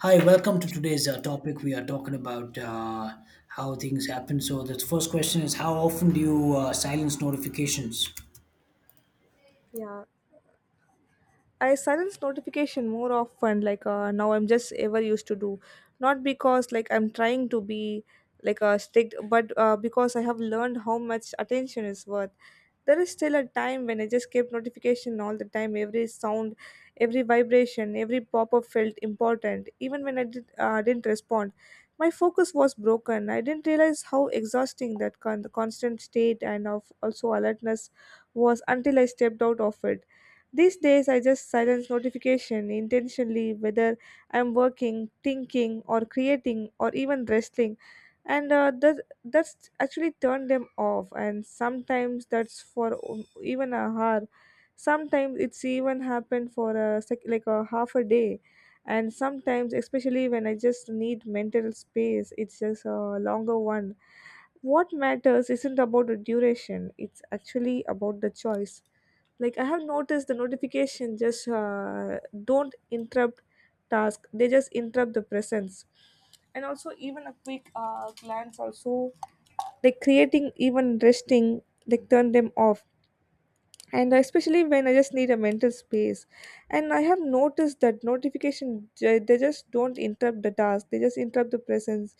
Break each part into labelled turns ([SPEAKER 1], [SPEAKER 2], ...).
[SPEAKER 1] Hi, welcome to today's topic. We are talking about how things happen. So, the first question is, how often do you silence notifications?
[SPEAKER 2] Yeah, I silence notification more often. Now, I'm just ever used to do, not because like I'm trying to be like a strict, but because I have learned how much attention is worth. There is still a time when I just kept notification all the time. Every sound, every vibration, every pop up felt important. Even when I didn't respond, my focus was broken. I didn't realize how exhausting that the constant state and of also alertness was until I stepped out of it. These days, I just silence notification intentionally, whether I'm working, thinking, or creating, or even resting, and that's actually turned them off. And sometimes that's for even a hour. Sometimes it's even happened for a like a half a day, and sometimes, especially when I just need mental space, it's just a longer one. What matters isn't about the duration; it's actually about the choice. Like I have noticed the notification just don't interrupt task, they just interrupt the presence. And also even a quick glance also, like creating, even resting, like turn them off. And especially when I just need a mental space, and I have noticed that notification they just don't interrupt the task, they just interrupt the presence.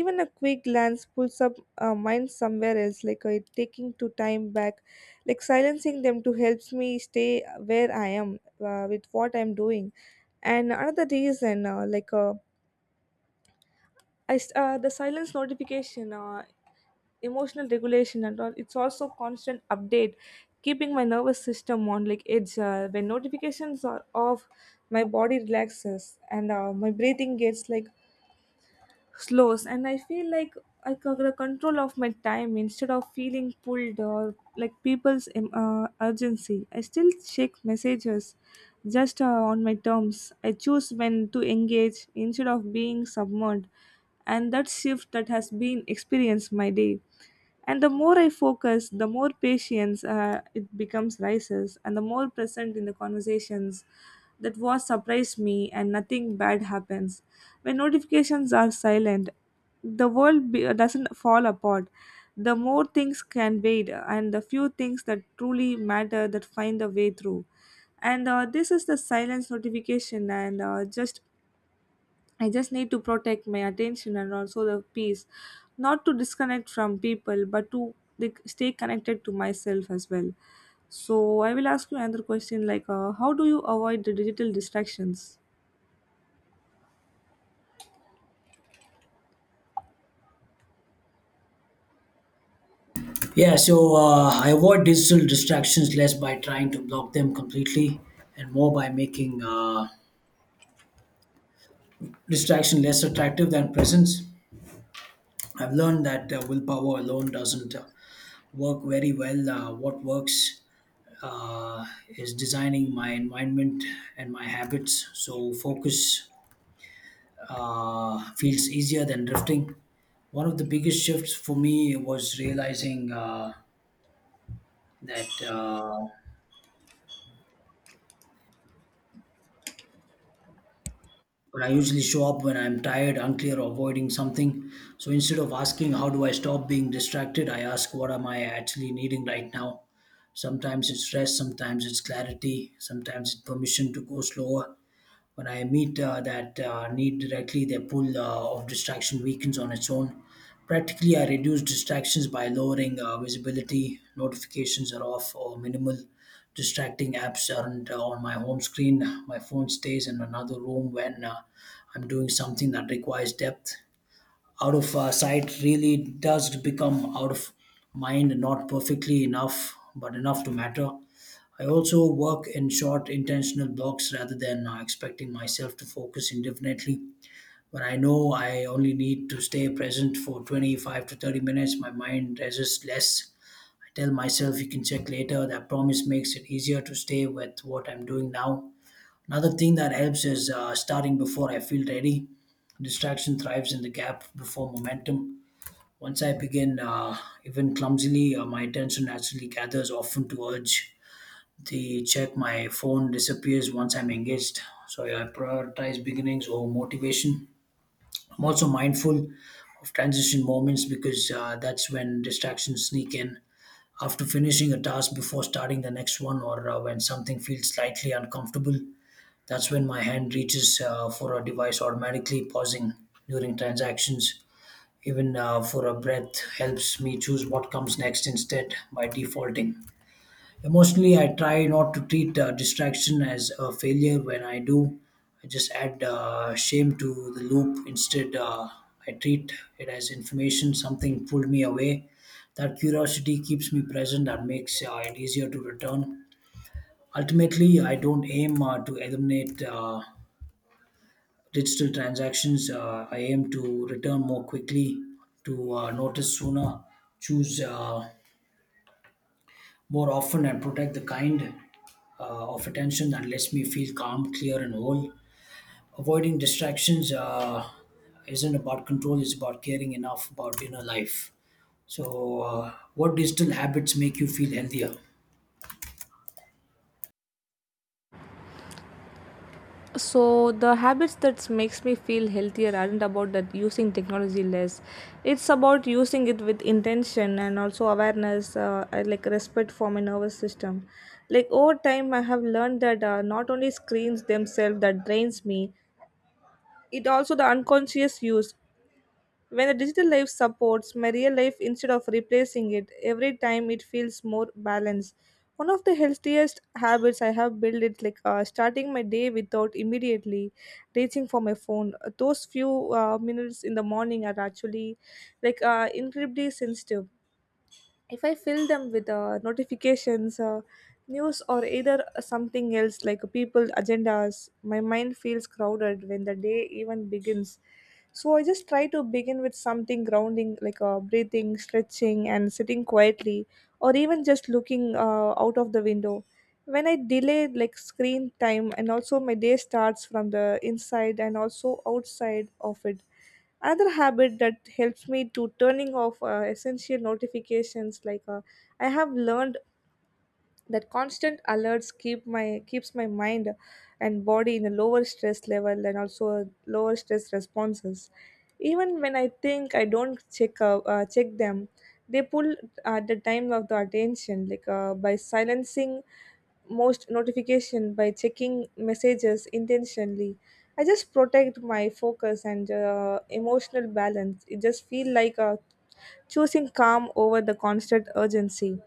[SPEAKER 2] Even a quick glance pulls up mind somewhere else, like taking to time back, like silencing them to helps me stay where I am with what I'm doing. And another reason the silence notification emotional regulation and all, it's also constant update keeping my nervous system on like edge. When notifications are off, my body relaxes and my breathing gets like slows, and I feel like I got the control of my time instead of feeling pulled or like people's urgency. I still check messages just on my terms. I choose when to engage instead of being submerged, and that shift that has been experienced my day. And the more I focus, the more patience it becomes rises, and the more present in the conversations. That was surprised me, and nothing bad happens. When notifications are silent, the world doesn't fall apart. The more things can wait, and the few things that truly matter that find a way through. And This is the silence notification, and just I just need to protect my attention and also the peace, not to disconnect from people, but to like, stay connected to myself as well. So I will ask you another question like, how do you avoid the digital distractions?
[SPEAKER 1] Yeah, so I avoid digital distractions less by trying to block them completely and more by making distraction less attractive than presence. I've learned that willpower alone doesn't work very well. What works uh, is designing my environment and my habits. So, focus feels easier than drifting. One of the biggest shifts for me was realizing that when I usually show up, when I'm tired, unclear, or avoiding something. So instead of asking, how do I stop being distracted, I ask, what am I actually needing right now? Sometimes it's rest, sometimes it's clarity, sometimes it's permission to go slower. When I meet that need directly, the pull of distraction weakens on its own. Practically, I reduce distractions by lowering visibility. Notifications are off or minimal. Distracting apps aren't on my home screen. My phone stays in another room when I'm doing something that requires depth. Out of sight really does become out of mind, not perfectly enough, but enough to matter. I also work in short, intentional blocks rather than expecting myself to focus indefinitely. When I know I only need to stay present for 25 to 30 minutes, my mind resists less. I tell myself you can check later. That promise makes it easier to stay with what I'm doing now. Another thing that helps is starting before I feel ready. Distraction thrives in the gap before momentum. Once I begin, even clumsily, my attention naturally gathers. Often to urge, the check my phone disappears once I'm engaged. So yeah, I prioritize beginnings over motivation. I'm also mindful of transition moments, because that's when distractions sneak in, after finishing a task before starting the next one, or when something feels slightly uncomfortable. That's when my hand reaches for a device automatically. Pausing during transactions even for a breath helps me choose what comes next instead by defaulting. Emotionally, I try not to treat distraction as a failure. When I do, I just add shame to the loop. Instead, I treat it as information, something pulled me away. That curiosity keeps me present and makes it easier to return. Ultimately, I don't aim to eliminate digital transactions. I aim to return more quickly, to notice sooner, choose. More often, and protect the kind of attention that lets me feel calm, clear, and whole. Avoiding distractions isn't about control, it's about caring enough about inner life. So, what digital habits make you feel healthier?
[SPEAKER 2] So the habits that makes me feel healthier aren't about that using technology less. It's about using it with intention and also awareness, and, like respect for my nervous system. Like over time, I have learned that not only screens themselves that drains me, it also the unconscious use. When the digital life supports my real life instead of replacing it, every time it feels more balanced. One of the healthiest habits I have built is starting my day without immediately reaching for my phone. Those few minutes in the morning are actually like incredibly sensitive. If I fill them with notifications, news, or either something else like people agendas, my mind feels crowded when the day even begins. So I just try to begin with something grounding, like breathing, stretching, and sitting quietly, or even just looking out of the window. When I delay like screen time and also my day starts from the inside and also outside of it. Another habit that helps me to turning off essential notifications, like I have learned that constant alerts keep my mind and body in a lower stress level and also a lower stress responses. Even when I think I don't check them, they pull at the time of the attention, like by silencing most notification, by checking messages intentionally, I just protect my focus and emotional balance. It just feel like a choosing calm over the constant urgency.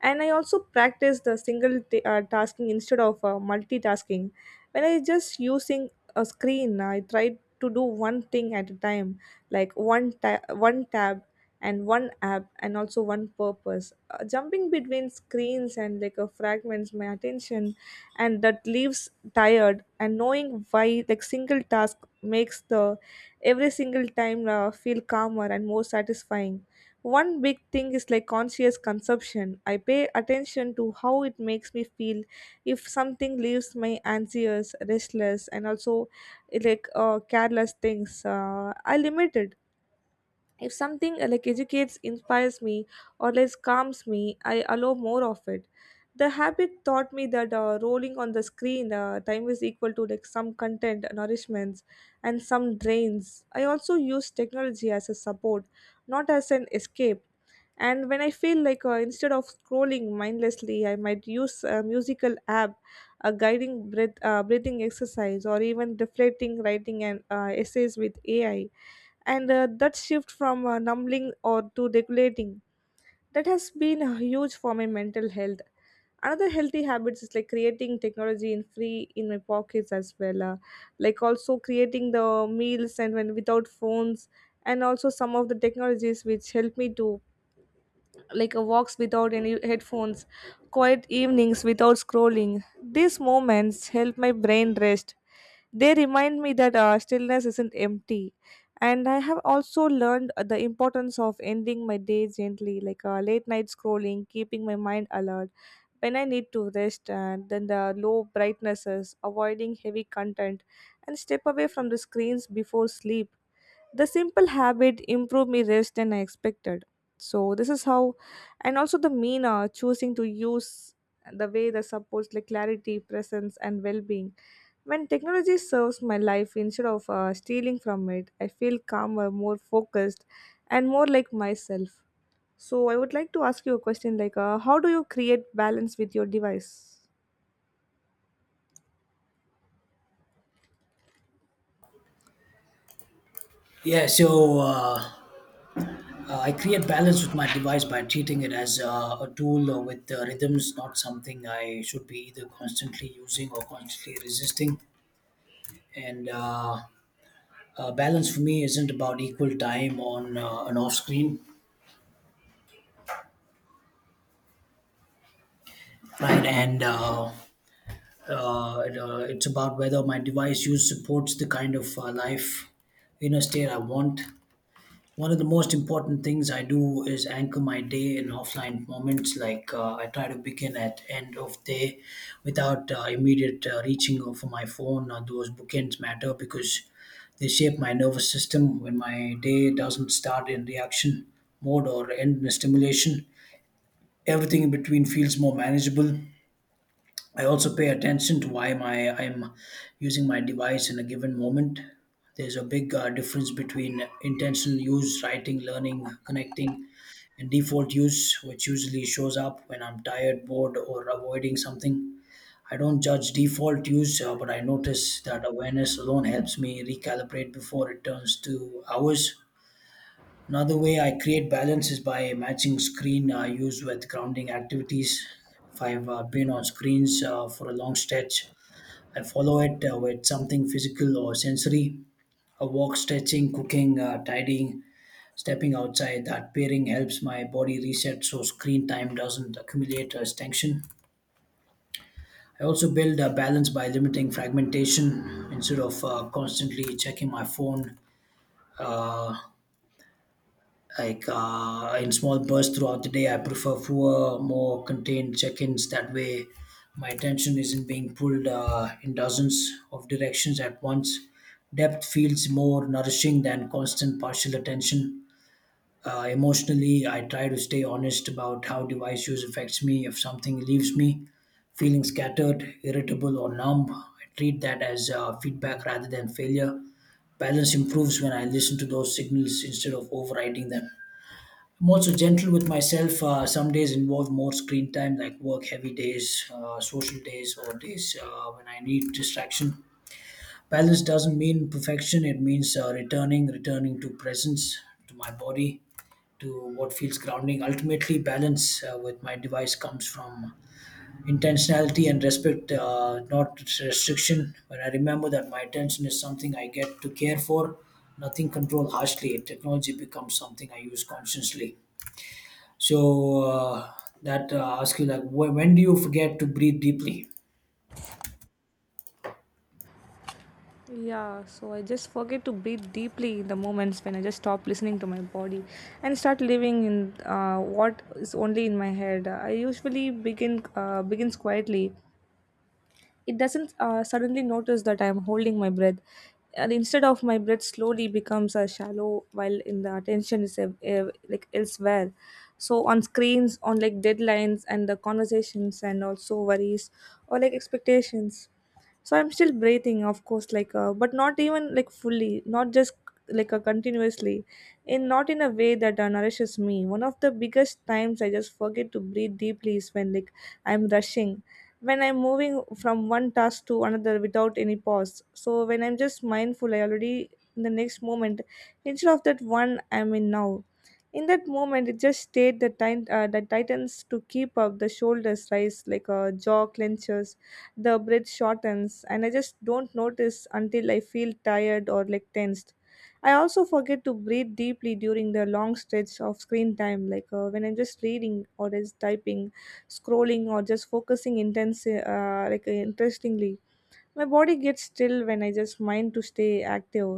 [SPEAKER 2] And I also practice the single tasking instead of multitasking. When I just using a screen, I try to do one thing at a time, like one tab and one app and also one purpose. Jumping between screens and like fragments my attention, and that leaves tired and knowing why, like single task makes the every single time feel calmer and more satisfying. One big thing is like conscious consumption. I pay attention to how it makes me feel. If something leaves me anxious, restless, and also it like careless things, I limit it. If something like educates, inspires me, or less calms me, I allow more of it. The habit taught me that rolling on the screen time is equal to like some content nourishments and some drains. I also use technology as a support, not as an escape. And when I feel like instead of scrolling mindlessly, I might use a musical app, a guiding breath, breathing exercise, or even reflecting writing and essays with AI. And That shift from numbing or to regulating, that has been huge for my mental health. Another healthy habits is like creating technology in free in my pockets as well, like also creating the meals and when without phones, and also some of the technologies which help me to like a walks without any headphones, quiet evenings without scrolling. These moments help my brain rest. They remind me that stillness isn't empty. And I have also learned the importance of ending my day gently, like late night scrolling, keeping my mind alert when I need to rest, and then the low brightnesses, avoiding heavy content, and step away from the screens before sleep. The simple habit improved my rest than I expected. So this is how, and also the meaner choosing to use the way that supports like clarity, presence, and well-being. When technology serves my life instead of stealing from it, I feel calmer, more focused, and more like myself. So I would like to ask you a question like, how do you create balance with your device?
[SPEAKER 1] Yeah, so I create balance with my device by treating it as a tool with rhythms, not something I should be either constantly using or constantly resisting. And balance for me isn't about equal time on and off screen, right? It's about whether my device use supports the kind of life inner state I want. One of the most important things I do is anchor my day in offline moments. Like, I try to begin at end of day without immediate reaching for my phone. Those bookends matter because they shape my nervous system. When my day doesn't start in reaction mode or end in a stimulation, everything in between feels more manageable. I also pay attention to why my I'm using my device in a given moment. There's a big difference between intentional use, writing, learning, connecting, and default use, which usually shows up when I'm tired, bored, or avoiding something. I don't judge default use, but I notice that awareness alone helps me recalibrate before it turns to hours. Another way I create balance is by matching screen use with grounding activities. If I've been on screens for a long stretch, I follow it with something physical or sensory. A walk, stretching, cooking, tidying, stepping outside. That pairing helps my body reset, so screen time doesn't accumulate as tension. I also build a balance by limiting fragmentation. Instead of constantly checking my phone. Uh, in small bursts throughout the day, I prefer fewer, more contained check-ins. That way, my attention isn't being pulled in dozens of directions at once. Depth feels more nourishing than constant partial attention. Emotionally, I try to stay honest about how device use affects me. If something leaves me feeling scattered, irritable, or numb, I treat that as feedback rather than failure. Balance improves when I listen to those signals instead of overriding them. I'm also gentle with myself. Some days involve more screen time, like work heavy days, social days, or days when I need distraction. Balance doesn't mean perfection, it means returning to presence, to my body, to what feels grounding. Ultimately, balance with my device comes from intentionality and respect, not restriction. When I remember that my attention is something I get to care for, nothing controlled harshly, technology becomes something I use consciously. So that asks you, like, when do you forget to breathe deeply?
[SPEAKER 2] Yeah, so I just forget to breathe deeply in the moments when I just stop listening to my body and start living in what is only in my head. I usually begins quietly. It doesn't suddenly notice that I am holding my breath. And instead of my breath slowly becomes a shallow while in the attention is like elsewhere. So on screens, on like deadlines and the conversations and also worries or like expectations. So I'm still breathing of course, like but not even like fully, not just like a continuously, in not in a way that nourishes me. One of the biggest times I just forget to breathe deeply is when like I'm rushing, when I'm moving from one task to another without any pause. So when I'm just mindful, I already in the next moment instead of that one I'm in now. In that moment, it just stayed the time, the tightens to keep up, the shoulders rise, like a jaw clenches, the breath shortens, and I just don't notice until I feel tired or like tensed. I also forget to breathe deeply during the long stretch of screen time, like when I'm just reading or is typing, scrolling, or just focusing intense, interestingly, my body gets still when I just mind to stay active.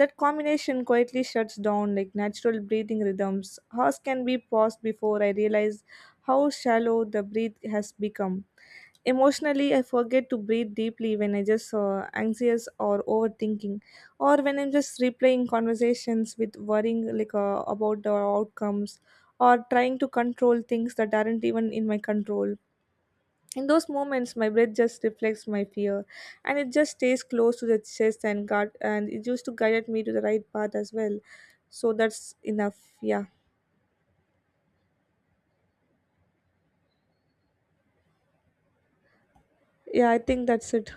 [SPEAKER 2] That combination quietly shuts down like natural breathing rhythms hers can be paused before I realize how shallow the breath has become. Emotionally, I forget to breathe deeply when I just anxious or overthinking, or when I'm just replaying conversations with worrying like about the outcomes, or trying to control things that aren't even in my control. In those moments, my breath just reflects my fear, and it just stays close to the chest and guard, and it used to guide me to the right path as well. So that's enough. Yeah, yeah, I think that's it.